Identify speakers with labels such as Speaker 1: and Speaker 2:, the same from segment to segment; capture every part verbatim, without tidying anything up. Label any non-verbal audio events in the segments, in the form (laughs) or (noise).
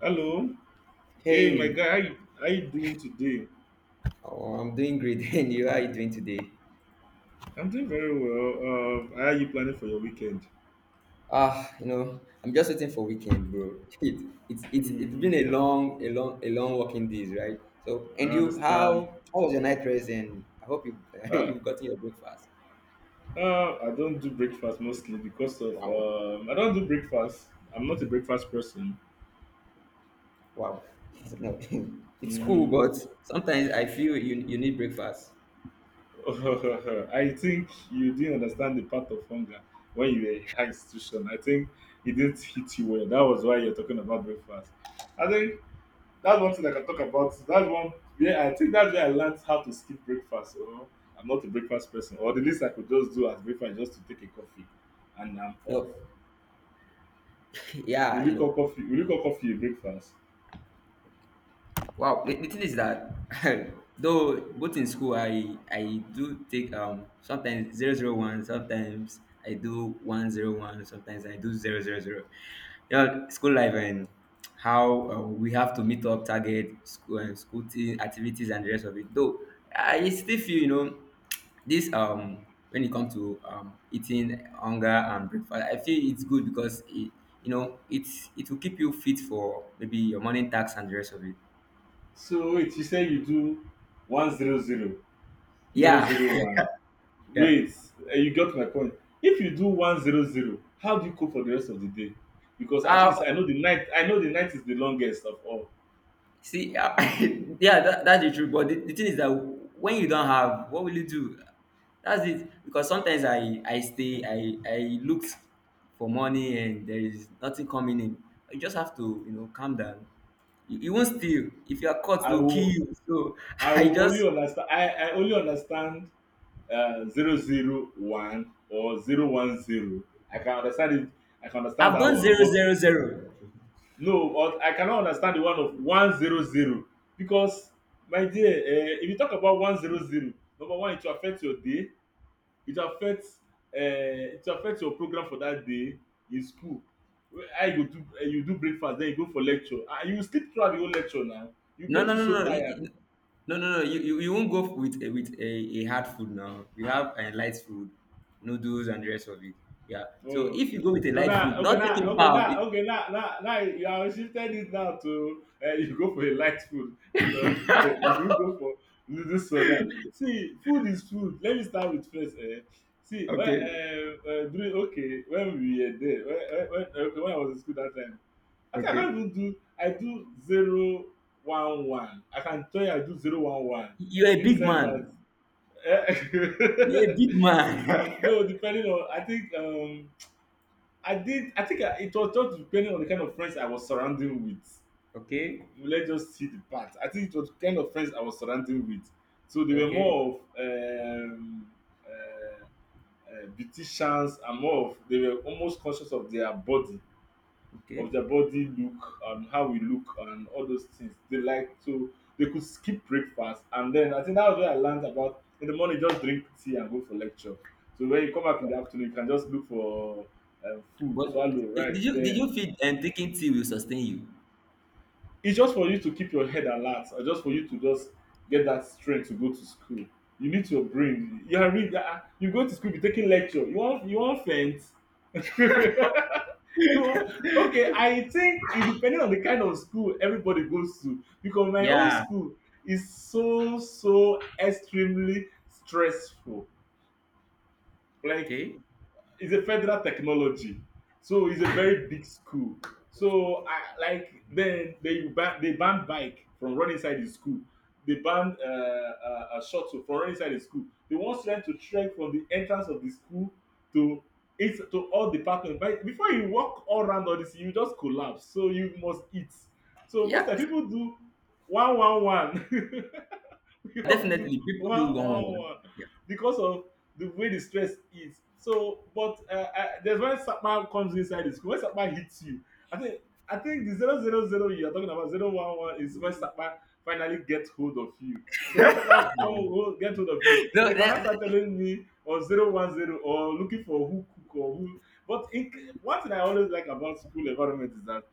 Speaker 1: Hello. Hey, my
Speaker 2: Hey.
Speaker 1: guy. How you, how you doing today?
Speaker 2: Oh, I'm doing great. (laughs) And you, how are you doing today?
Speaker 1: I'm doing very well. Uh, how are you planning for your weekend?
Speaker 2: Ah, you know, I'm just waiting for weekend, bro. (laughs) It, it's it's it's
Speaker 1: Hmm.
Speaker 2: been a long, a long, a long working days, right? So,
Speaker 1: I
Speaker 2: and you,
Speaker 1: understand.
Speaker 2: how how was your night rest? And I hope you (laughs)
Speaker 1: Uh,
Speaker 2: you've gotten your breakfast.
Speaker 1: uh, I don't do breakfast mostly because of
Speaker 2: Wow,
Speaker 1: um, I don't do breakfast. I'm not a breakfast person.
Speaker 2: wow. (laughs) No, (laughs) it's cool, but
Speaker 1: Hmm.
Speaker 2: sometimes I feel you you need breakfast.
Speaker 1: (laughs) I think you didn't understand the part of hunger when you were in high institution. I think it didn't hit you well. That was why you're talking about breakfast. I think that's one thing I can talk about. That's one where I think that's where I learned how to skip breakfast. Or I'm not a breakfast person. Or the least I could just do as breakfast is just to take a coffee, and I'm off.
Speaker 2: No, (laughs) yeah,
Speaker 1: Will
Speaker 2: you
Speaker 1: you
Speaker 2: know.
Speaker 1: call coffee? Will you call coffee a breakfast?
Speaker 2: Wow, the, the thing is that (laughs) though both in school I I do take um sometimes zero zero one, sometimes I do one zero one, sometimes I do zero zero zero. You know, school life and how uh, we have to meet up target school and school thing- activities and the rest of it. Though I still feel you know this um when it comes to um eating, hunger and breakfast, I feel it's good because it you know it's it will keep you fit for maybe your morning tasks and the rest of it.
Speaker 1: So wait, you say you do one zero zero zero
Speaker 2: Yeah,
Speaker 1: zero
Speaker 2: (laughs)
Speaker 1: one.
Speaker 2: yeah.
Speaker 1: Wait, eh, you got my point. If you do one zero zero, how do you cope for the rest of the day? Because at least
Speaker 2: Uh,
Speaker 1: I know the night. I know the night is the longest of all.
Speaker 2: see, uh, (laughs) yeah, that, that's the truth. But the, the thing is that when you don't have, what will you do? That's it. Because sometimes I, I stay, I, I looked for money and there is nothing coming in. You just have to, you know, calm down. You, you won't steal. If you are caught,
Speaker 1: I
Speaker 2: they'll kill
Speaker 1: will.
Speaker 2: you. So (laughs)
Speaker 1: I
Speaker 2: I
Speaker 1: will only
Speaker 2: just,
Speaker 1: understand. I, I only understand uh, zero zero one or zero one zero. I can understand it. I can understand
Speaker 2: I've
Speaker 1: that
Speaker 2: done
Speaker 1: one,
Speaker 2: zero,
Speaker 1: but
Speaker 2: zero, zero.
Speaker 1: no, or I cannot understand the one of one zero zero because my dear, uh, if you talk about one zero zero, number one, it will affect your day. It will affect uh, it will affect your program for that day in school. Where- How you go do uh, you do breakfast, then you go for lecture, and you will sleep throughout the whole lecture. Now you
Speaker 2: No,
Speaker 1: make
Speaker 2: no,
Speaker 1: you
Speaker 2: no, no,
Speaker 1: so
Speaker 2: you-
Speaker 1: tired.
Speaker 2: you- no, no, no. You, you, you won't go with a, with a, a hard food now. You have a light food, noodles and the rest of it. Yeah. So
Speaker 1: Oh,
Speaker 2: if you go with a
Speaker 1: so
Speaker 2: light
Speaker 1: now,
Speaker 2: food,
Speaker 1: okay,
Speaker 2: not
Speaker 1: now,
Speaker 2: taking
Speaker 1: okay,
Speaker 2: power.
Speaker 1: now, okay, now, now, now you have shifted it now to uh, you go for a light food. (laughs) No, you don't go for noodle soda. See, food is food. Let me start with first. Eh. See, when,
Speaker 2: Okay.
Speaker 1: uh, uh, during, okay, when we were there, when, when, when, eh, okay, when I was in school that time, I think I don't
Speaker 2: Okay.
Speaker 1: even do, I do zero one one. I can tell you I do zero one one
Speaker 2: You're a
Speaker 1: in the
Speaker 2: big
Speaker 1: sense that,
Speaker 2: man. You're a
Speaker 1: eh,
Speaker 2: big
Speaker 1: (laughs)
Speaker 2: man.
Speaker 1: no, depending on, I think, um, I did. I think I, it was just depending on the kind of friends I was surrounding with.
Speaker 2: (laughs) okay.
Speaker 1: Let's just see the part. I think it was the kind of friends I was surrounding with. So they were
Speaker 2: Okay.
Speaker 1: more of um, uh, uh, beauticians and more of they were almost conscious of their body,
Speaker 2: Okay.
Speaker 1: of their body look and how we look and all those things. They like to They could skip breakfast, and then I think that was where I learned about in the morning just drink tea and go for lecture. So when you come back in the afternoon, you can just look for um, food,
Speaker 2: But
Speaker 1: swallow
Speaker 2: eh, did
Speaker 1: rice,
Speaker 2: you did
Speaker 1: then
Speaker 2: you feel and taking tea will sustain you?
Speaker 1: it's just for you to keep your head alert and just for you to just get that strength to go to school. You need your brain. You are read You go to school, be taking lecture. You want you want faint. (laughs) You want, okay, I think it depending on the kind of school everybody goes to. Because my own
Speaker 2: Yeah.
Speaker 1: school is so so extremely stressful. Like
Speaker 2: Okay.
Speaker 1: it's a federal technology, so it's a very big school. So I like then they ban they ban bike from running inside the school. They ban uh, uh, uh, shuttle from running inside the school. They want students to trek from the entrance of the school to it's to all the parking. But before you walk all around all this, you just collapse, so you must eat. So most
Speaker 2: Yeah.
Speaker 1: of the people do one one one. (laughs) (laughs) We all
Speaker 2: Definitely,
Speaker 1: do
Speaker 2: people
Speaker 1: one
Speaker 2: do one one
Speaker 1: one
Speaker 2: one.
Speaker 1: one
Speaker 2: Yeah.
Speaker 1: because of the way the stress is. So, but uh, I, there's when Sakma comes inside the school. When Sakma hits you, I think I think the zero zero zero you are talking about zero one one is when Sakma finally gets hold of you. So when Sakma come hold, get hold of you,
Speaker 2: (laughs) No,
Speaker 1: they can now
Speaker 2: that,
Speaker 1: start telling me or zero one zero or looking for who cook or who. But in, one thing I always like about school environment is that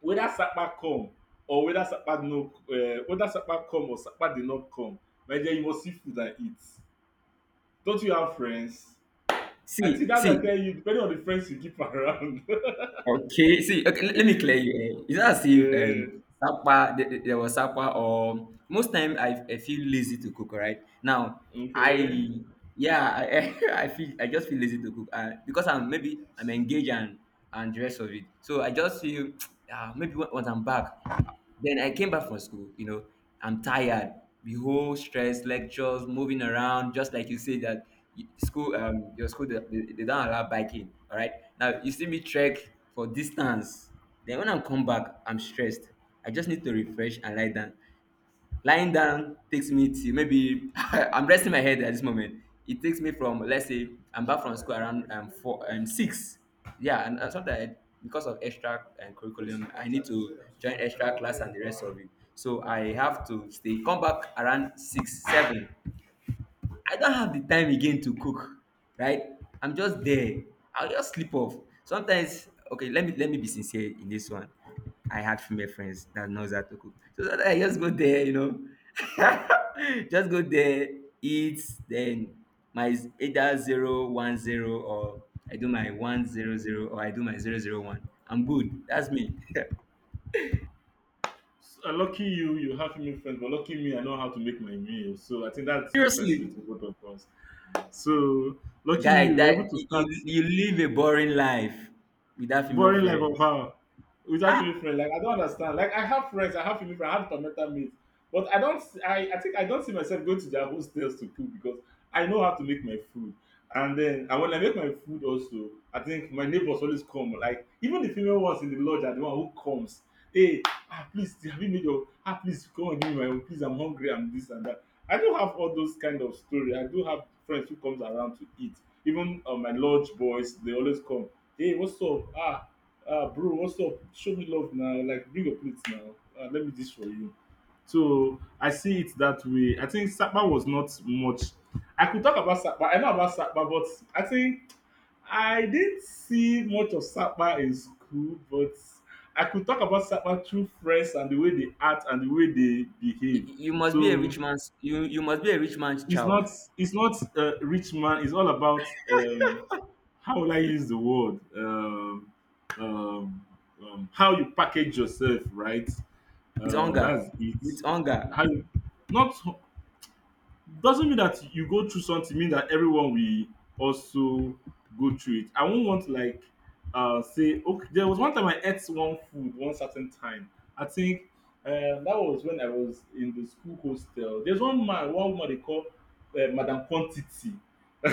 Speaker 1: whether Sakpa come or whether Sakpa no uh, whether Sakpa come or Sakpa did not come, my dear, you must see food and eat. Don't you have friends? I think
Speaker 2: see,
Speaker 1: that's why I
Speaker 2: see.
Speaker 1: tell you, depending on the friends you keep (laughs) around.
Speaker 2: Okay, see, okay, let, let me clear you. eh. It's not as if
Speaker 1: Eh,
Speaker 2: um, sapa, th- th- there was sapa, or most time I, I feel lazy to cook. Right now,
Speaker 1: okay.
Speaker 2: I yeah, I, (laughs) I feel I just feel lazy to cook uh, because I'm, maybe I'm engaged and and the rest of it. So I just feel (tsk) uh, maybe when- once I'm back. Then I came back from school, you know, I'm tired. The whole stress, lectures, moving around, just like you say that y- school, um, your school, they, they they don't allow biking. All right. Now you see me trek for distance. Then when I come back, I'm stressed. I just need to refresh and lie down. Lying down takes me to maybe (laughs) I'm resting my head at this moment. It takes me from let's say I'm back from school around um four um six. Yeah, and, and sometimes because of extra and curriculum I need to join extra class and the rest of it, so I have to stay come back around six seven. I don't have the time again to cook, right? I'm just there. I'll just sleep off. Sometimes, okay, let me let me be sincere in this one. I had female friends that knows how to cook, so sometimes I just go there, you know, (laughs) just go there, eat, then my either zero one zero or I do my one zero zero or I do my zero zero one. I'm good. That's me. (laughs)
Speaker 1: So, uh, lucky you, you have female friends, but lucky me, I know how to make my meal. So I think that's the difference
Speaker 2: Seriously,
Speaker 1: between both of us. So lucky
Speaker 2: guy,
Speaker 1: you, you were
Speaker 2: that
Speaker 1: able to
Speaker 2: you
Speaker 1: start.
Speaker 2: you you live a boring life without female
Speaker 1: Boring life of
Speaker 2: friends.
Speaker 1: how? Without female friend. Like I don't understand. Like I have friends, I have female friends, I have permanent mates. But I don't s- I, I think I don't see myself going to their hostels to cook because I know how to make my food. And then and when I make my food also, I think my neighbors always come. Like even the female ones in the lodge are the one who comes. Hey, ah, please, have you made your ah please come and give me my own. Please, I'm hungry, I'm this and that. I do have all those kind of story. I do have friends who comes around to eat. Even uh, my lodge boys, they always come. Hey, what's up? Ah, ah, bro, what's up? Show me love now. Like, bring your plates now. Ah, let me this for you. So I see it that way. I think Sakpa was not much. I could talk about Sakpa. I know about Sakpa, but I think I didn't see much of Sakpa in school. But I could talk about Sakpa through friends and the way they act and the way they behave.
Speaker 2: You, you must be a
Speaker 1: So
Speaker 2: rich man's you you must be a rich man's
Speaker 1: it's
Speaker 2: child
Speaker 1: not it's not uh, rich man. It's all about um how will I use the word, um, um, um how you package yourself, right?
Speaker 2: with
Speaker 1: Uh
Speaker 2: hunger,
Speaker 1: that's it.
Speaker 2: with hunger.
Speaker 1: How you not doesn't mean that you go through something mean that everyone will also go through it. I won't want to like uh say okay. There was one time I ate one food one certain time. I think uh, that was when I was in the school hostel. There's one man, one woman they call uh, Madam Quantity. (laughs)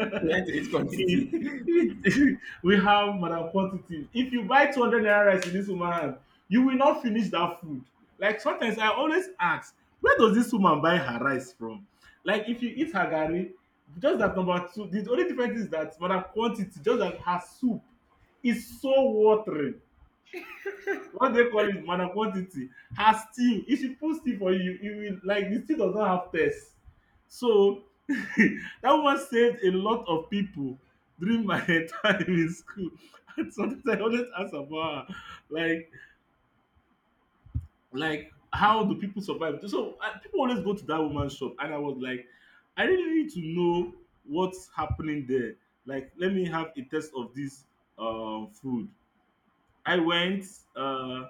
Speaker 2: (laughs) He went to eat
Speaker 1: He-
Speaker 2: quantity.
Speaker 1: (laughs) we have Madam Quantity. If you buy two hundred naira rice in this woman hand, you will not finish that food. Like sometimes I always ask, where does this woman buy her rice from? Like if you eat her garri, just that number two, the only difference is that for quantity, just that her soup is so watery. What they call it? Madam quantity. Her stew. If she put stew for you, you will like the stew does not have taste. So (laughs) that woman saved a lot of people during my (laughs) time in school. (laughs) And sometimes I always ask about her. Like like how do people survive. So I, people always go to that woman's shop, and I was like, I really need to know what's happening there. Like let me have a taste of this um food. i went uh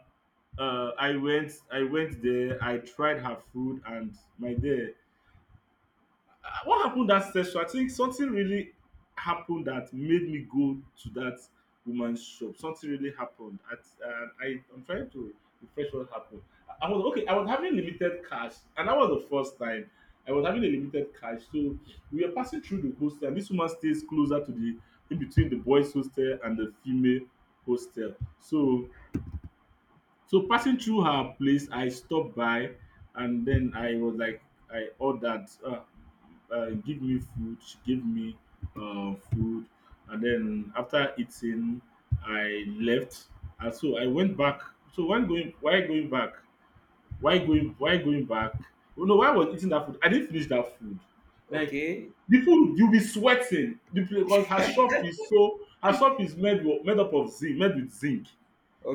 Speaker 1: uh i went I went there, I tried her food, and my dear, uh, what happened that session? I think something really happened that made me go to that woman's shop. Something really happened. At, uh, I, I'm trying to refresh what happened. I I was okay. I was having limited cash, and that was the first time I was having a limited cash. So we were passing through the hostel, and this woman stays closer to the in between the boys' hostel and the female hostel. So so passing through her place, I stopped by, and then I was like, I ordered, uh, uh, give me food. She gave me uh, food, and then after eating, I left. And so I went back. So when going, why going back? Why going? Why going back? Oh no, why I was eating that food? I didn't finish that food.
Speaker 2: (laughs)
Speaker 1: Like
Speaker 2: okay.
Speaker 1: the food, you'll be sweating. The pla- because her shop is so. Her shop is made wo- made up of zinc, made with zinc.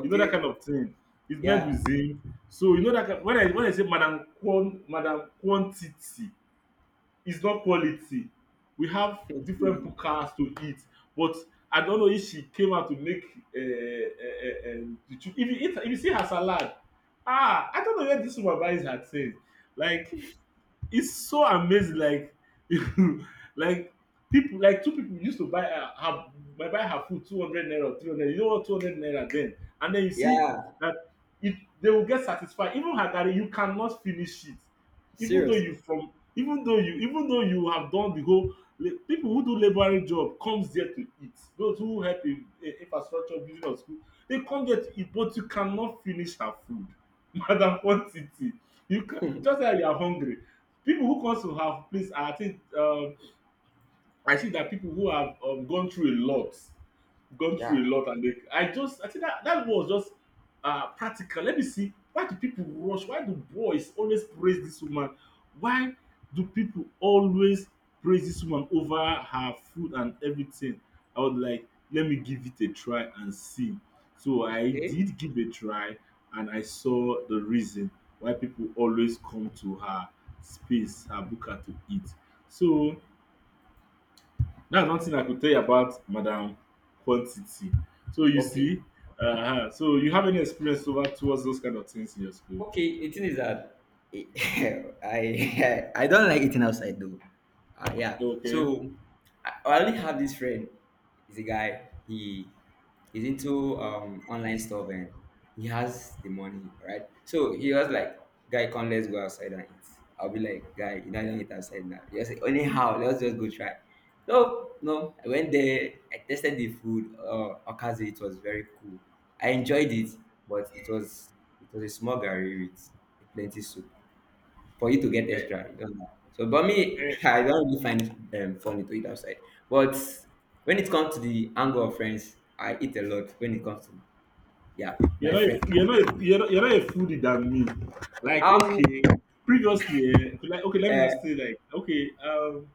Speaker 1: You know that kind of thing. It's made
Speaker 2: Yeah.
Speaker 1: with him. So you know that kind. When I when I say madam quan madam quantity, it's not quality. We have different
Speaker 2: (laughs)
Speaker 1: pukas to eat, but I don't know if she came out to make um um um the children. If you eat if you see her salad, ah I don't know where this woman buys her thing. Like it's so amazing, like (laughs) like people like two people used to buy her, her buy buy her food two hundred naira, three hundred, you know what, two hundred naira then, and then you see
Speaker 2: yeah.
Speaker 1: that it they will get satisfied. Even her garri you cannot finish it, even though
Speaker 2: Serious.
Speaker 1: you from even though you even though you have done the whole la- people who do labouring job comes there to eat, those who help in in infrastructure building or school, they come there to eat, but you cannot finish her food. (laughs) Madam Quantity. You can just like you are hungry. People who comes to our place, I think um I see that people who have um gone through a lot, gone
Speaker 2: Yeah.
Speaker 1: through a lot and they, i just i think that that was just uh practical. Let me see, why do people rush, why do boys always praise this woman, why do people always praise this woman over her food and everything. I was like, let me give it a try and see. So I
Speaker 2: Okay.
Speaker 1: did give a try, and I saw the reason why people always come to her space, her buka, to eat. So that's one thing I could tell you about Madam Quantity. So you
Speaker 2: Okay.
Speaker 1: see, uh so you have any experience over towards those kind of things in your school?
Speaker 2: Okay, eating is that, (laughs) I, (laughs) I don't like eating outside though. Uh, yeah.
Speaker 1: Okay.
Speaker 2: So I I only have this friend. He's a guy. He he's into um online stuff and he has the money, right? So he was like, "Guy, come let's go outside and eat." I'll be like, "Guy, you know I don't eat outside now." He was like, "Anyhow, let's just go try." No, no, I went there. I tested the food. Uh, okaze, it was very cool. I enjoyed it, but it was it was a small gari with plenty soup for you to get
Speaker 1: Eh,
Speaker 2: extra. You don't know. So, but me,
Speaker 1: eh,
Speaker 2: (laughs) I don't really find it um, funny to eat outside. But when it comes to the angle of friends, I eat a lot. When it comes to yeah,
Speaker 1: you're
Speaker 2: my
Speaker 1: not
Speaker 2: friends.
Speaker 1: a, you're not a, you're not, you're not a foodie than me. Like
Speaker 2: Um.
Speaker 1: okay, previously, eh, like okay, let me just
Speaker 2: Uh,
Speaker 1: say like okay, um,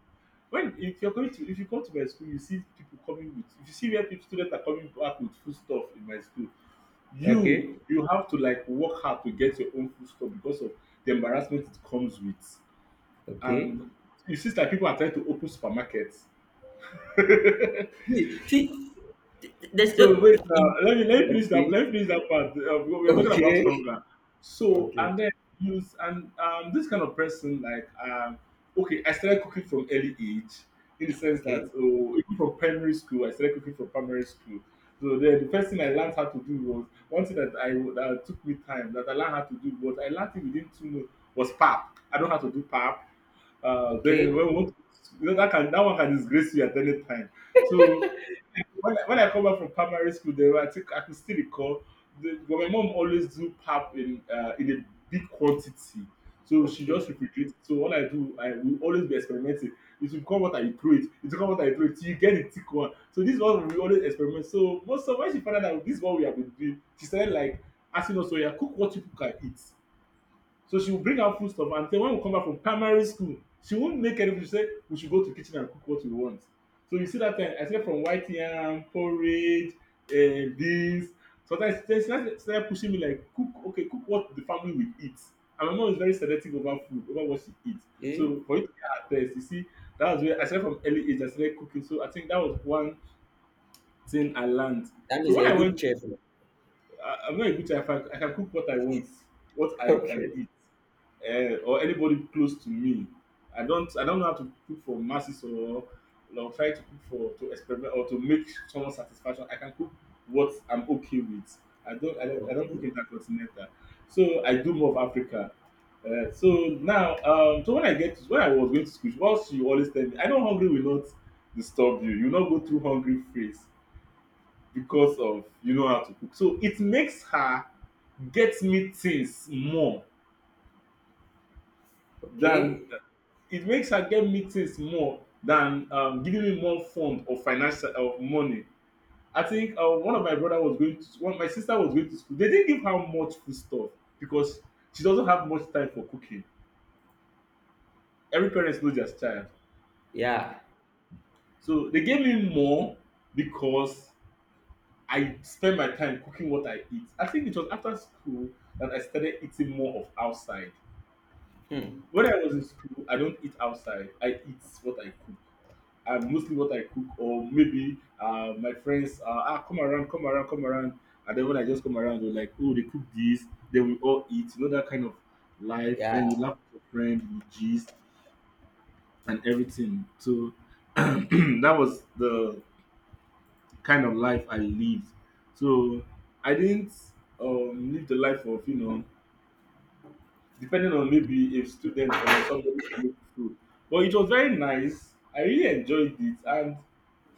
Speaker 1: when if you're going to if you come to my school, you see people coming with, if you see where people students are coming back with food stuff in my school, you
Speaker 2: okay.
Speaker 1: you have to like work hard to get your own food stuff because of the embarrassment it comes with.
Speaker 2: Okay.
Speaker 1: And it seems like people are trying to open supermarkets. (laughs)
Speaker 2: See, see th- th- there's no.
Speaker 1: So wait, uh, let me let me finish that.
Speaker 2: Okay.
Speaker 1: Let me finish that part. Uh, we we're talking about
Speaker 2: Okay.
Speaker 1: hunger. So
Speaker 2: Okay.
Speaker 1: and then use and um this kind of person, like um okay, I started cooking from early age, in the sense that,
Speaker 2: Okay.
Speaker 1: oh, even from primary school I started cooking from primary school. So then the first thing I learned how to do was, one thing that I that took me time that I learned how to do, was I learned it within two months, was pap. I don't have to do pap. Uh, then
Speaker 2: Okay.
Speaker 1: when we want to, you know, that can, that one can disgrace you at any time. So when I, when I come back from primary school, then I think I can still recall. The, but my mom always do pap in uh, in a big quantity, so she
Speaker 2: Okay.
Speaker 1: just refrigerates. So what I do, I will always be experimenting. It will come what I throw it. It will come what I throw it till you get a thick one. So this one we always experiment. So most of, when she found out that this is what we have been doing, she started like asking us, "So yeah, cook what you can eat." So she will bring out food stuff, and then when we come back from primary school, she won't make anything. She say we should go to kitchen and cook what we want. So you see that time, I said, from white yam, porridge, uh, beans. Sometimes she started started pushing me like, cook, okay, cook what the family will eat. And my mom is very selective over food, over what she eats.
Speaker 2: Okay.
Speaker 1: So for you to get her taste, you see, that was where I started. From early age I started cooking. So I think that was one thing I learned.
Speaker 2: That
Speaker 1: So
Speaker 2: is
Speaker 1: when
Speaker 2: a
Speaker 1: I
Speaker 2: good
Speaker 1: went,
Speaker 2: chef. (laughs)
Speaker 1: I, I'm not a good chef. I, I can cook what I want, what I can
Speaker 2: Okay.
Speaker 1: eat, uh, or anybody close to me. I don't I don't know how to cook for masses, or or try to cook for to experiment or to make someone satisfaction. I can cook what I'm okay with. I don't I don't, I don't cook
Speaker 2: Okay.
Speaker 1: intercontinental, so I do more of Africa. Uh, so now, um, so when I get to, when I was going to school, what she always tell me, I know hungry will not disturb you. You will not go through hungry phase because of you know how to cook. So it makes her get me things more than,
Speaker 2: Okay.
Speaker 1: it makes her get meetings more than, um, giving me more fund or financial of money. I think uh, one of my brother was going to one, my sister was going to school. They didn't give her much food stuff because she doesn't have much time for cooking. Every parent knows their child,
Speaker 2: Yeah.
Speaker 1: so they gave me more because I spend my time cooking what I eat. I think it was after school that I started eating more of outside.
Speaker 2: Hmm.
Speaker 1: When I was in school, I don't eat outside. I eat what I cook, and mostly what I cook, or maybe uh, my friends, uh, ah come around, come around, come around, and then when I just come around, they're like, oh, they cook this, then we all eat, you know, that kind of life.
Speaker 2: Yeah.
Speaker 1: Then you laugh with your friend, you gist, and everything. So (clears throat) that was the kind of life I lived. So I didn't um, live the life of, you know, depending on maybe a student or somebody to make food. But it was very nice. I really enjoyed it. And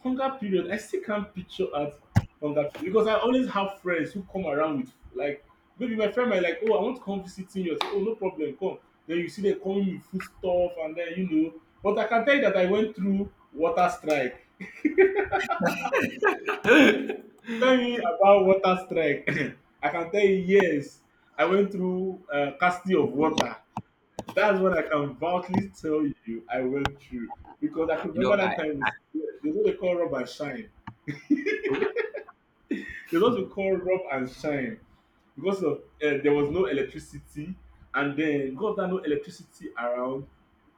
Speaker 1: hunger period, I still can't picture at hunger, because I always have friends who come around with, like, maybe my friend might like, oh, I want to come visiting you. I say, oh, no problem, come. Then you see them coming with food stuff, and then you know. But I can tell you that I went through water strike. Tell me about water strike. (clears throat) I can tell you, yes, I went through uh, casting of water. That's what I can boldly tell you I went through. Because I could
Speaker 2: You
Speaker 1: remember
Speaker 2: know, I,
Speaker 1: that time,
Speaker 2: I
Speaker 1: is- there's what they call rub and shine. There's what we call rub and shine. Because of uh, there was no electricity, and then because there no electricity around,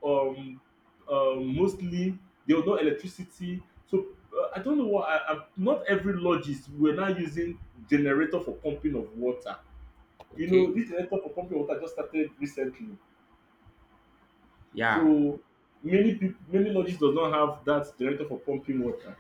Speaker 1: um, um, mostly there was no electricity. So uh, I don't know what. I, I, not every lodges were now using generator for pumping of water. You know,
Speaker 2: okay.
Speaker 1: this generator for pumping water just started recently.
Speaker 2: Yeah.
Speaker 1: So many people, many lodges does not have that generator for pumping water.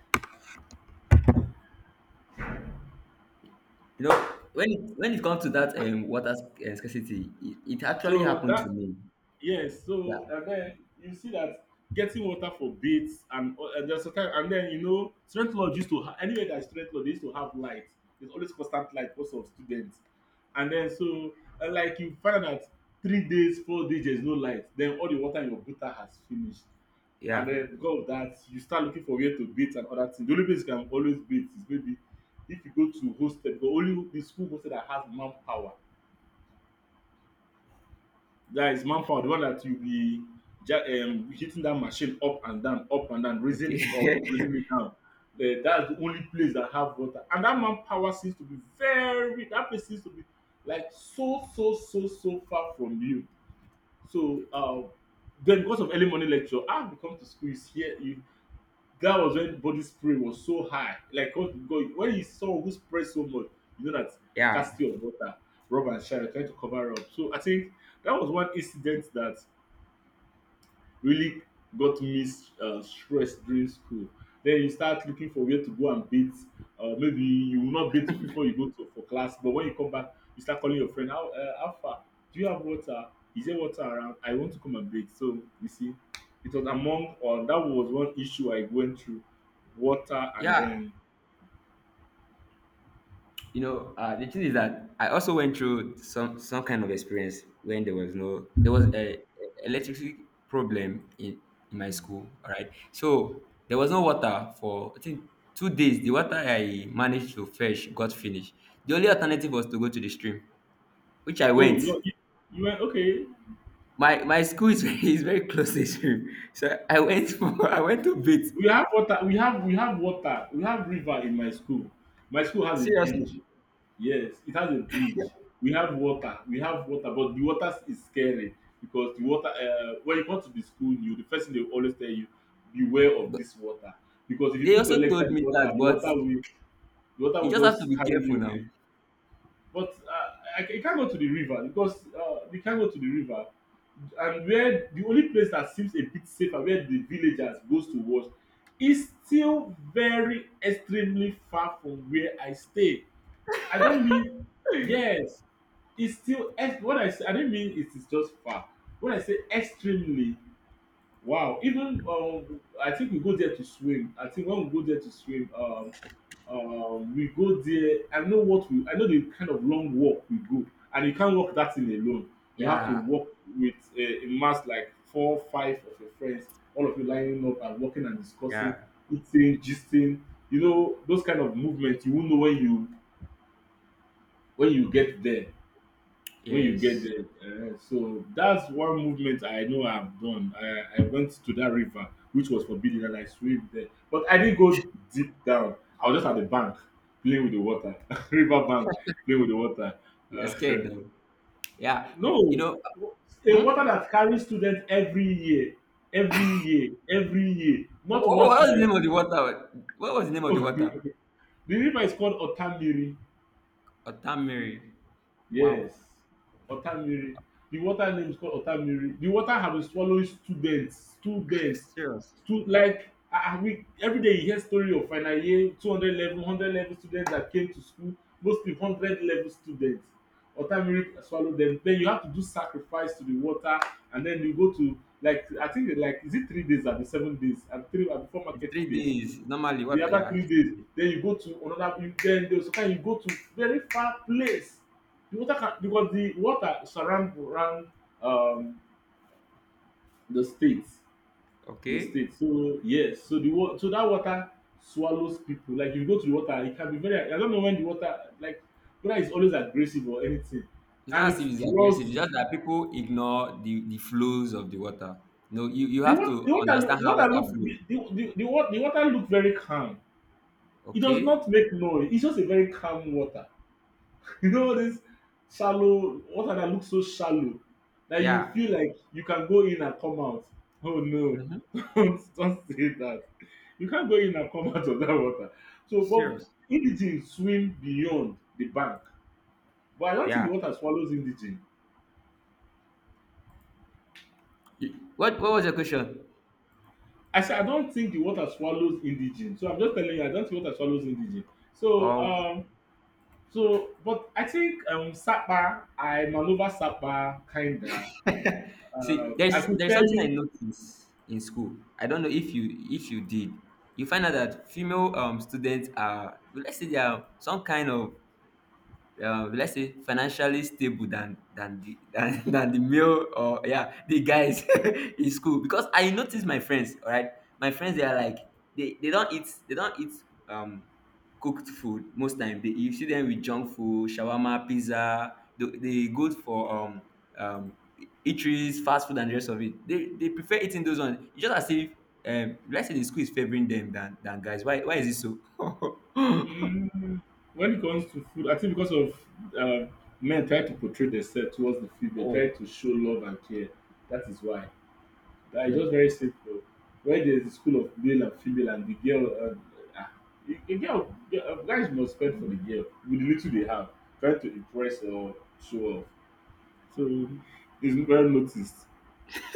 Speaker 2: You know, when it when it comes to that um water sc- uh, scarcity, it, it actually
Speaker 1: So
Speaker 2: happened to
Speaker 1: that,
Speaker 2: me.
Speaker 1: yes,
Speaker 2: Yeah.
Speaker 1: so and then you see that getting water for baits, and, o- and there's a time, and then you know, student lodge used to ha- anywhere that is student lodge, they used to have light. There's always constant light because of students. And then so, and like, you find out that three days, four days there's no light, then all the water in your gutter has finished. And
Speaker 2: Yeah.
Speaker 1: then because of that you start looking for where to bait and other things. The only place you can always bait is maybe if you go to hostel, but only the school hostel that has manpower, that is manpower, the one that you be ja um hitting that machine up and down, up and down, raising
Speaker 2: Okay.
Speaker 1: it up, raising it down. Then that's the only place that have water, and that manpower seems to be very, that place seems to be like so so so so far from you. So um then because of early morning lecture, ah, you come to school, you hear, that was when body spray was so high. Like, God, God, when you saw who sprayed so much, you know that
Speaker 2: (laughs) yeah.
Speaker 1: casting of water, rub and shine, trying to cover up. So I think that was one incident that really got me uh, stressed during school. Then you start looking for where to go and bait. Uh, maybe you will not bait before you go to, for class, but when you come back, you start calling your friend. How, uh, how far? Do you have water? Is there water around? I want to come and bait. So you see, it was among, or that was one issue I went through, water. And
Speaker 2: Yeah.
Speaker 1: then,
Speaker 2: You know, uh, the thing is that I also went through some some kind of experience when there was no there was a a electricity problem in, in my school. All right, so there was no water for I think two days. The water I managed to fetch got finished. The only alternative was to go to the stream, which I
Speaker 1: oh,
Speaker 2: went.
Speaker 1: you you you went, okay.
Speaker 2: My my school is, (laughs) is very close to the stream, so I went for, (laughs) I went to bit
Speaker 1: We have water. We have we have water. We have river in my school. My school has a
Speaker 2: seriously.
Speaker 1: bridge. Yes, it has a bridge. We have water. We have water, but the water is scary because the water. Uh, when you come to the school, you the first thing they will always tell you, beware of
Speaker 2: But
Speaker 1: this water, because if you
Speaker 2: they
Speaker 1: put
Speaker 2: also
Speaker 1: your legs
Speaker 2: told
Speaker 1: in the
Speaker 2: me
Speaker 1: water,
Speaker 2: that,
Speaker 1: the
Speaker 2: but
Speaker 1: water will, the water
Speaker 2: you
Speaker 1: will
Speaker 2: just have to
Speaker 1: just
Speaker 2: be
Speaker 1: carry
Speaker 2: careful
Speaker 1: you
Speaker 2: now.
Speaker 1: away. But uh, I, I can't go to the river, because uh, we can't go to the river. And where the only place that seems a bit safer, where the villagers goes to watch, is still very extremely far from where I stay. I don't mean, yes. It's still ex- what I say. I didn't mean it is just far. When I say extremely, wow. Even um, I think we go there to swim. I think when we go there to swim, um, um, we go there. I know what we. I know the kind of long walk we go, and you can't walk that thing alone. You have to
Speaker 2: Yeah,
Speaker 1: walk with a, a mass like four, five of your friends, all of you lining up and walking and discussing,
Speaker 2: yeah.
Speaker 1: eating, gisting. You know those kind of movements. You won't know when you when you get there when you get
Speaker 2: Yes.
Speaker 1: there uh, so that's one movement I know I've done. I i went to that river which was forbidden, and I swam there, but I didn't go deep down. I was just at the bank playing with the
Speaker 2: Oh,
Speaker 1: water (laughs) river bank,
Speaker 2: (laughs)
Speaker 1: playing with the water
Speaker 2: you're
Speaker 1: uh,
Speaker 2: scared though. Yeah.
Speaker 1: (laughs)
Speaker 2: You, you
Speaker 1: no,
Speaker 2: know,
Speaker 1: a
Speaker 2: hmm?
Speaker 1: water that carries students every year, every year, every year, not
Speaker 2: what what
Speaker 1: one
Speaker 2: was the
Speaker 1: student.
Speaker 2: name of the water? What was the name
Speaker 1: (laughs)
Speaker 2: of the water?
Speaker 1: The river is called Otamiri.
Speaker 2: Otamiri.
Speaker 1: Yes,
Speaker 2: Wow.
Speaker 1: Otamiri. The water name is called Otamiri. The water have been swallowing students, students,
Speaker 2: Serious.
Speaker 1: stu like ah ah we, every day you hear story of final year two hundred level one hundred level students that came to school, mostly hundred level students. Otamiri swallow them, then you have to do sacrifice to the water, and then you go to, like, I think, like, is it three days abi seven days abi three abi four
Speaker 2: It's
Speaker 1: market
Speaker 2: three
Speaker 1: days,
Speaker 2: days. Normally,
Speaker 1: the
Speaker 2: water.
Speaker 1: other
Speaker 2: Yeah,
Speaker 1: three
Speaker 2: it's three
Speaker 1: days
Speaker 2: days.
Speaker 1: then you go to another. You then there, sometimes you go to very far place. The water can, because the water surround around, um, the state, the
Speaker 2: Okay.
Speaker 1: state so yes, so the wa- so that water swallows people. Like, you go to the water, it can be very, I don't know, when the water, like, water is always aggressive or anything,
Speaker 2: It's
Speaker 1: and
Speaker 2: not as if
Speaker 1: it
Speaker 2: it's aggressive. It's
Speaker 1: draws
Speaker 2: just
Speaker 1: you.
Speaker 2: that people ignore the, the flows of the water. No, you, you
Speaker 1: the
Speaker 2: have to
Speaker 1: water the water look
Speaker 2: understand
Speaker 1: the
Speaker 2: how
Speaker 1: water
Speaker 2: water
Speaker 1: look
Speaker 2: flows.
Speaker 1: the the the, the wa- The water look very calm. It does
Speaker 2: Okay.
Speaker 1: not make noise, it's just a very calm water. You know this shallow water that looks so shallow that you
Speaker 2: Yeah.
Speaker 1: feel like you can go in and come out. Oh no,
Speaker 2: Mm-hmm.
Speaker 1: (laughs) don't, don't say that. You can't go in and come out of that water. So, but
Speaker 2: Serious.
Speaker 1: indigene swim beyond the bank, but I don't think the
Speaker 2: Yeah.
Speaker 1: water swallows indigene.
Speaker 2: You- What, what was your question?
Speaker 1: I said I don't think the water swallows indigene. So I'm just telling you, I don't think water swallows indigene. So, um, so but I think um Sapa, I maneuver Sapa kinda.
Speaker 2: See,
Speaker 1: Um, I
Speaker 2: there's
Speaker 1: could
Speaker 2: there's
Speaker 1: tell
Speaker 2: something I
Speaker 1: you.
Speaker 2: noticed in school. I don't know if you if you did. You find out that female um students are, let's say they are some kind of um let's say financially stable than than the (laughs) than, than the male or yeah the guys (laughs) in school because I notice my friends, all right, my friends they are like they they don't eat, they don't eat um cooked food most time. They, you see them with junk food, shawarma, pizza. they, they go for um um eateries, fast food and the rest of it. they they prefer eating those ones. It's just as if um let's say the school is favoring them than than guys. why why is it so? (laughs)
Speaker 1: Mm, when it comes to food, I think because of uh, men try to portray themselves towards the food, they try
Speaker 2: Oh.
Speaker 1: to show love and care. That is why. That is
Speaker 2: Hmm.
Speaker 1: just very simple. When there is a school of male and female, and the girl, uh, ah, the the girl, the, uh, guys must spend for the girl with the little they have, trying to impress or show off. So it's well noticed.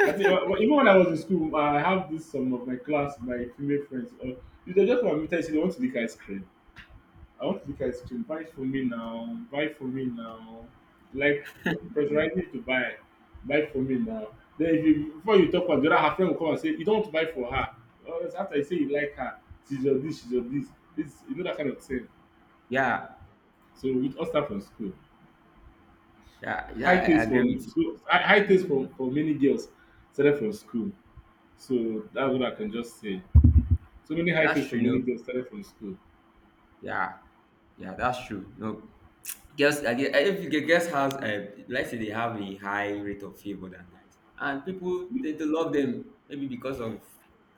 Speaker 1: I think uh, well, even when I was in school, I have this some of my class, my female friends. Uh, if they just want me to, say they want to lick ice cream. I want you guys to buy for me now. Buy for me now. Like, pressurizing you to buy. Buy for me now. Then, if you before you talk about the other, her friend will come and say, "You don't want to buy for her. Well, it's after you say you like her, she's your this, she's your this." This, you know that kind of thing.
Speaker 2: Yeah.
Speaker 1: So we all start from school.
Speaker 2: Yeah, yeah,
Speaker 1: High
Speaker 2: I I
Speaker 1: taste
Speaker 2: agree
Speaker 1: from
Speaker 2: with you.
Speaker 1: school, high high taste from for many girls started from school. So that's what I can just say. So many high
Speaker 2: That's
Speaker 1: taste for
Speaker 2: true, you
Speaker 1: many
Speaker 2: know.
Speaker 1: girls started from school.
Speaker 2: Yeah, yeah, that's true. No, girls I gue- if you get- girls has uh, let's say they have a high rate of favor than guys and people tend to love them maybe because of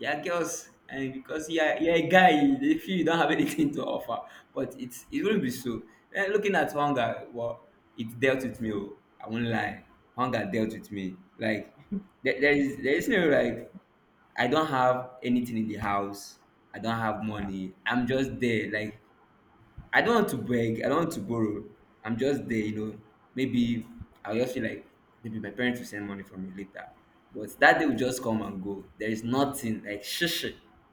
Speaker 2: they are girls, and because you're, you're a guy they feel you don't have anything to offer, but it's it wouldn't be so. Eh, looking at hunger, well, it dealt with me, oh, I won't lie. Hunger dealt with me like there, there is there is no like I don't have anything in the house. I don't have money. I'm just there. Like I don't want to beg, I don't want to borrow. I'm just there, you know. Maybe I'll just feel like maybe my parents will send money for me later. But that day will just come and go. There is nothing like shush.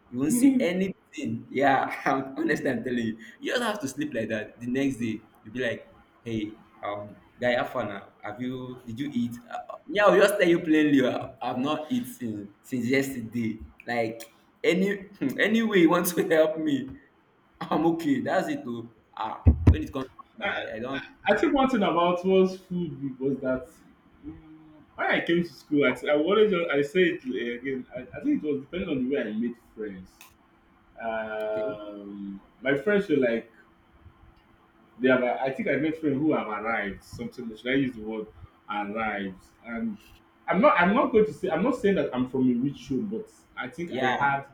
Speaker 2: You won't see anything. Yeah, (laughs) I'm, honestly, I'm telling you. You just have to sleep like that. The next day, you'll be like, hey, um, guy, have fun now. Have you, did you eat? Uh, uh, yeah, I'll just tell you plainly, uh, I've not eaten since yesterday. Like, any, (laughs) any way you want to (laughs) help me. (laughs) I'm okay. That's it. Too. Ah, when it comes, to, I, I don't.
Speaker 1: I think one thing about was food was that mm, when I came to school, I, I always just, I say it uh, again. I, I think it was depending on the way I made friends.
Speaker 2: Okay,
Speaker 1: Um, my friends were like they have. a- I think I met friends who have arrived. Something, should I use the word arrived? And I'm not. I'm not going to say. I'm not saying that I'm from a rich home, but I think I
Speaker 2: yeah,
Speaker 1: had.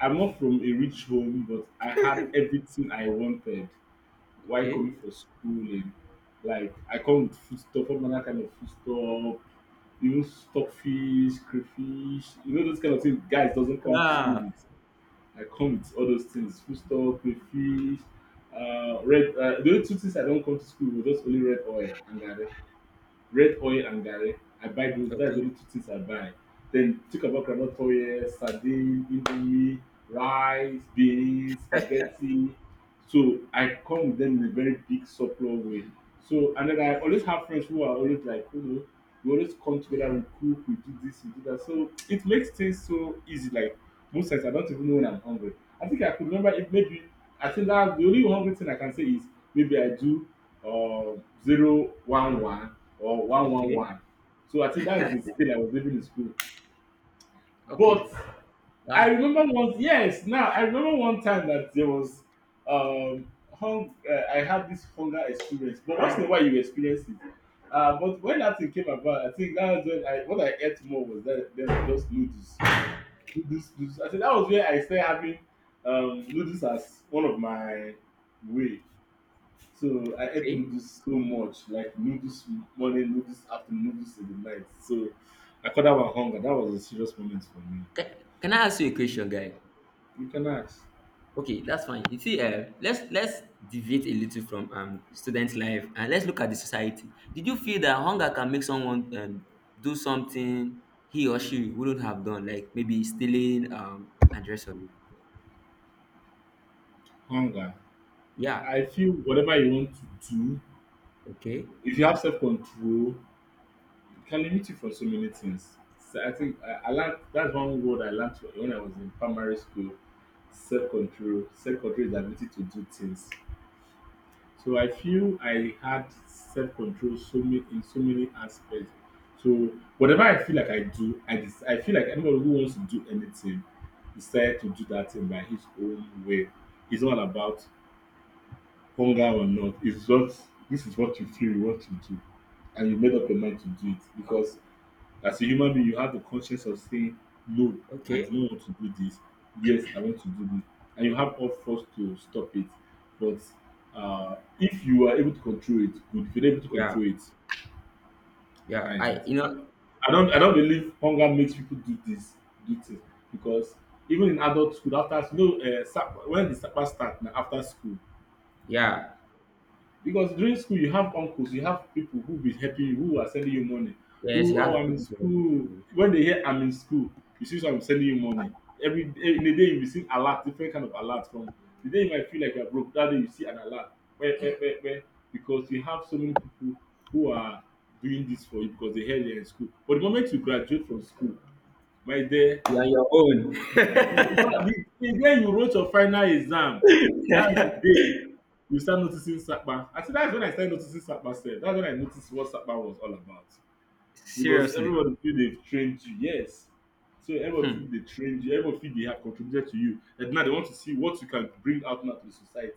Speaker 1: I'm not from a rich home, but I had everything I wanted while
Speaker 2: okay,
Speaker 1: coming for school, and like, I come with foodstuff, all manner kind of foodstuff, even stockfish, crayfish, you know those kind of things guys doesn't come to school
Speaker 2: ah,
Speaker 1: with. I come with all those things, foodstuff, crayfish, uh, red. Uh, the only two things I don't come to school with was just only red oil and garri. Red oil and garri I buy. Those, that's the
Speaker 2: okay,
Speaker 1: only two things I buy. Then, think about groundnut oil, sardine, indomie, rice, beans, spaghetti. So I come with them in a very big surplus way. So, and then I always have friends who are always, like, you know we always come together, we cook, we do this, we do that. So it makes things so easy. Like, most times I don't even know when I'm hungry. I think I could remember, if maybe, I think that the only hungry thing I can say is maybe I do or zero one one or one one
Speaker 2: okay,
Speaker 1: one. So I think that's the scale I was living in school. But
Speaker 2: okay,
Speaker 1: I
Speaker 2: ah,
Speaker 1: remember once, yes, now I remember one time that there was, um, hung, uh, I had this hunger experience, but once in a while you experience it. Uh, but when that thing came about, I think that was when I what I ate more was that then just noodles, noodles, noodles. I think that was where I started having um, noodles as one of my way. So I ate
Speaker 2: okay.
Speaker 1: noodles so much, like noodles morning, noodles afternoon, noodles in the night. So I call that one hunger. That was a serious moment for me.
Speaker 2: Can, can I ask you a question, guy?
Speaker 1: You can ask.
Speaker 2: Okay, that's fine. You see, uh, let's let's deviate a little from um student life and let's look at the society. Did you feel that hunger can make someone um, do something he or she wouldn't have done, like maybe stealing um and the rest of it?
Speaker 1: Hunger.
Speaker 2: Yeah.
Speaker 1: I feel whatever you want to do,
Speaker 2: Okay.
Speaker 1: if you have self control, it can limit you for so many things. So I think I, I learned, that's one word I learned when I was in primary school. Self control. Self control is the ability to do things. So I feel I had self-control, so many, in so many aspects. So whatever I feel like I do, I just I feel like anybody who wants to do anything decided to do that thing by his own way. It's not about hunger or not. It's just this is what you feel you want to do, and you made up your mind to do it because as a human being, you have the conscience of saying, no, I do
Speaker 2: Okay.
Speaker 1: not want to do this. Yes, I want to do this. And you have all force to stop it. But uh, if you are able to control it, good. If you're not able to
Speaker 2: Yeah.
Speaker 1: control it,
Speaker 2: Yeah,
Speaker 1: that is it.
Speaker 2: I you know,
Speaker 1: I don't I don't believe hunger makes people do this, do things. Because even in adult school, after you know, uh, sap- when the supper start na after school,
Speaker 2: yeah,
Speaker 1: because during school you have uncles, you have people who be helping you, who are sending you money,
Speaker 2: yes, you
Speaker 1: who, "Oh,
Speaker 2: have
Speaker 1: I'm in
Speaker 2: people to listen
Speaker 1: school."
Speaker 2: to.
Speaker 1: When they hear "I'm in school," you see someone sending you money. Every day, in a day you receive alert, different kind of alert from the day you might feel like you are broke, that day you see an alert. Where, where, where, where, because you have so many people who are doing this for you because they heard you're in school. But the moment you graduate from school, my dear,
Speaker 2: You are your
Speaker 1: you, because the the day you wrote your final exam, that's the
Speaker 2: own.
Speaker 1: day you start noticing sapa. I think that's when I started noticing sapa sef. That's when I noticed what sapa was all about. Because
Speaker 2: (laughs) Seriously.
Speaker 1: everybody feel they've trained you. Yes. So everybody
Speaker 2: Hmm.
Speaker 1: feel they trained you. Everybody feel they have contributed to you. And now they want to see what you can bring out now to the society.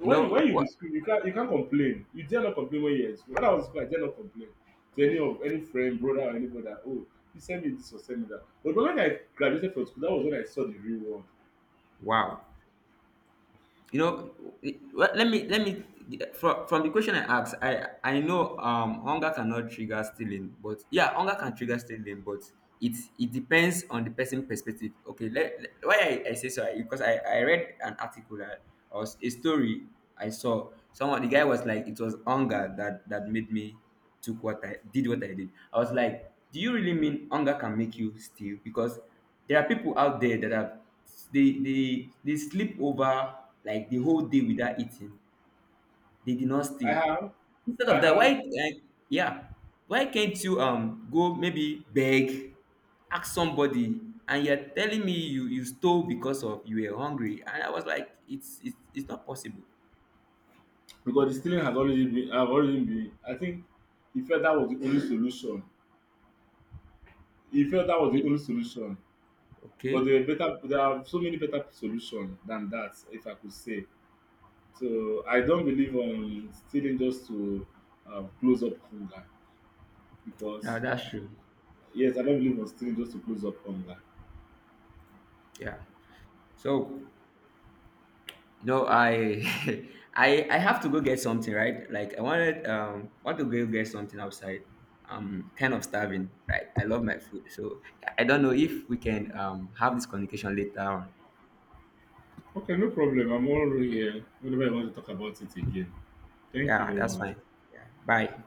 Speaker 2: You
Speaker 1: you
Speaker 2: know
Speaker 1: when you be
Speaker 2: what?
Speaker 1: school, you can't you can't complain. You dare not complain when you're in school. When I was in school, I dare not complain to any of any friend, brother, or anybody that, oh, you send me this or send me that. But when I graduated from school, that was when I saw the real world.
Speaker 2: Wow. You know, it- let let me let me from, from the question I asked, I I know um hunger cannot trigger stealing, but yeah, hunger can trigger stealing, but it it depends on the person perspective. Okay, let, let- why I, I say so because I I read an article that, or a story I saw. Someone the guy was like, it was hunger that that made me. Took what I did what I did. I was like, do you really mean hunger can make you steal? Because there are people out there that have they they they sleep over like the whole day without eating. They did not
Speaker 1: I
Speaker 2: steal.
Speaker 1: have,
Speaker 2: Instead
Speaker 1: I
Speaker 2: of that, why
Speaker 1: have,
Speaker 2: like, yeah, why can't you um go maybe beg, ask somebody, and you're telling me you you stole because of you were hungry? And I was like, it's it's it's not possible.
Speaker 1: because the stealing has already been, have already been. I think he felt that was the only solution. He felt that was the
Speaker 2: Okay,
Speaker 1: only solution. But
Speaker 2: okay,
Speaker 1: there are better, there are so many better solutions than that, if I could say. So I don't believe on stealing just to um, close up hunger
Speaker 2: yeah,
Speaker 1: because,
Speaker 2: that's true.
Speaker 1: yes, I don't believe on still just to close up on that.
Speaker 2: Yeah, so. No, I (laughs) I I have to go get something, right? Like I wanted um want to go get something outside. I'm kind of starving, right? I love my food. So I don't know if we can um have this communication later on.
Speaker 1: Okay, no problem. I'm all here whenever I want to talk about it again. Thank you
Speaker 2: Yeah,
Speaker 1: very
Speaker 2: that's
Speaker 1: much.
Speaker 2: fine. Yeah. Bye.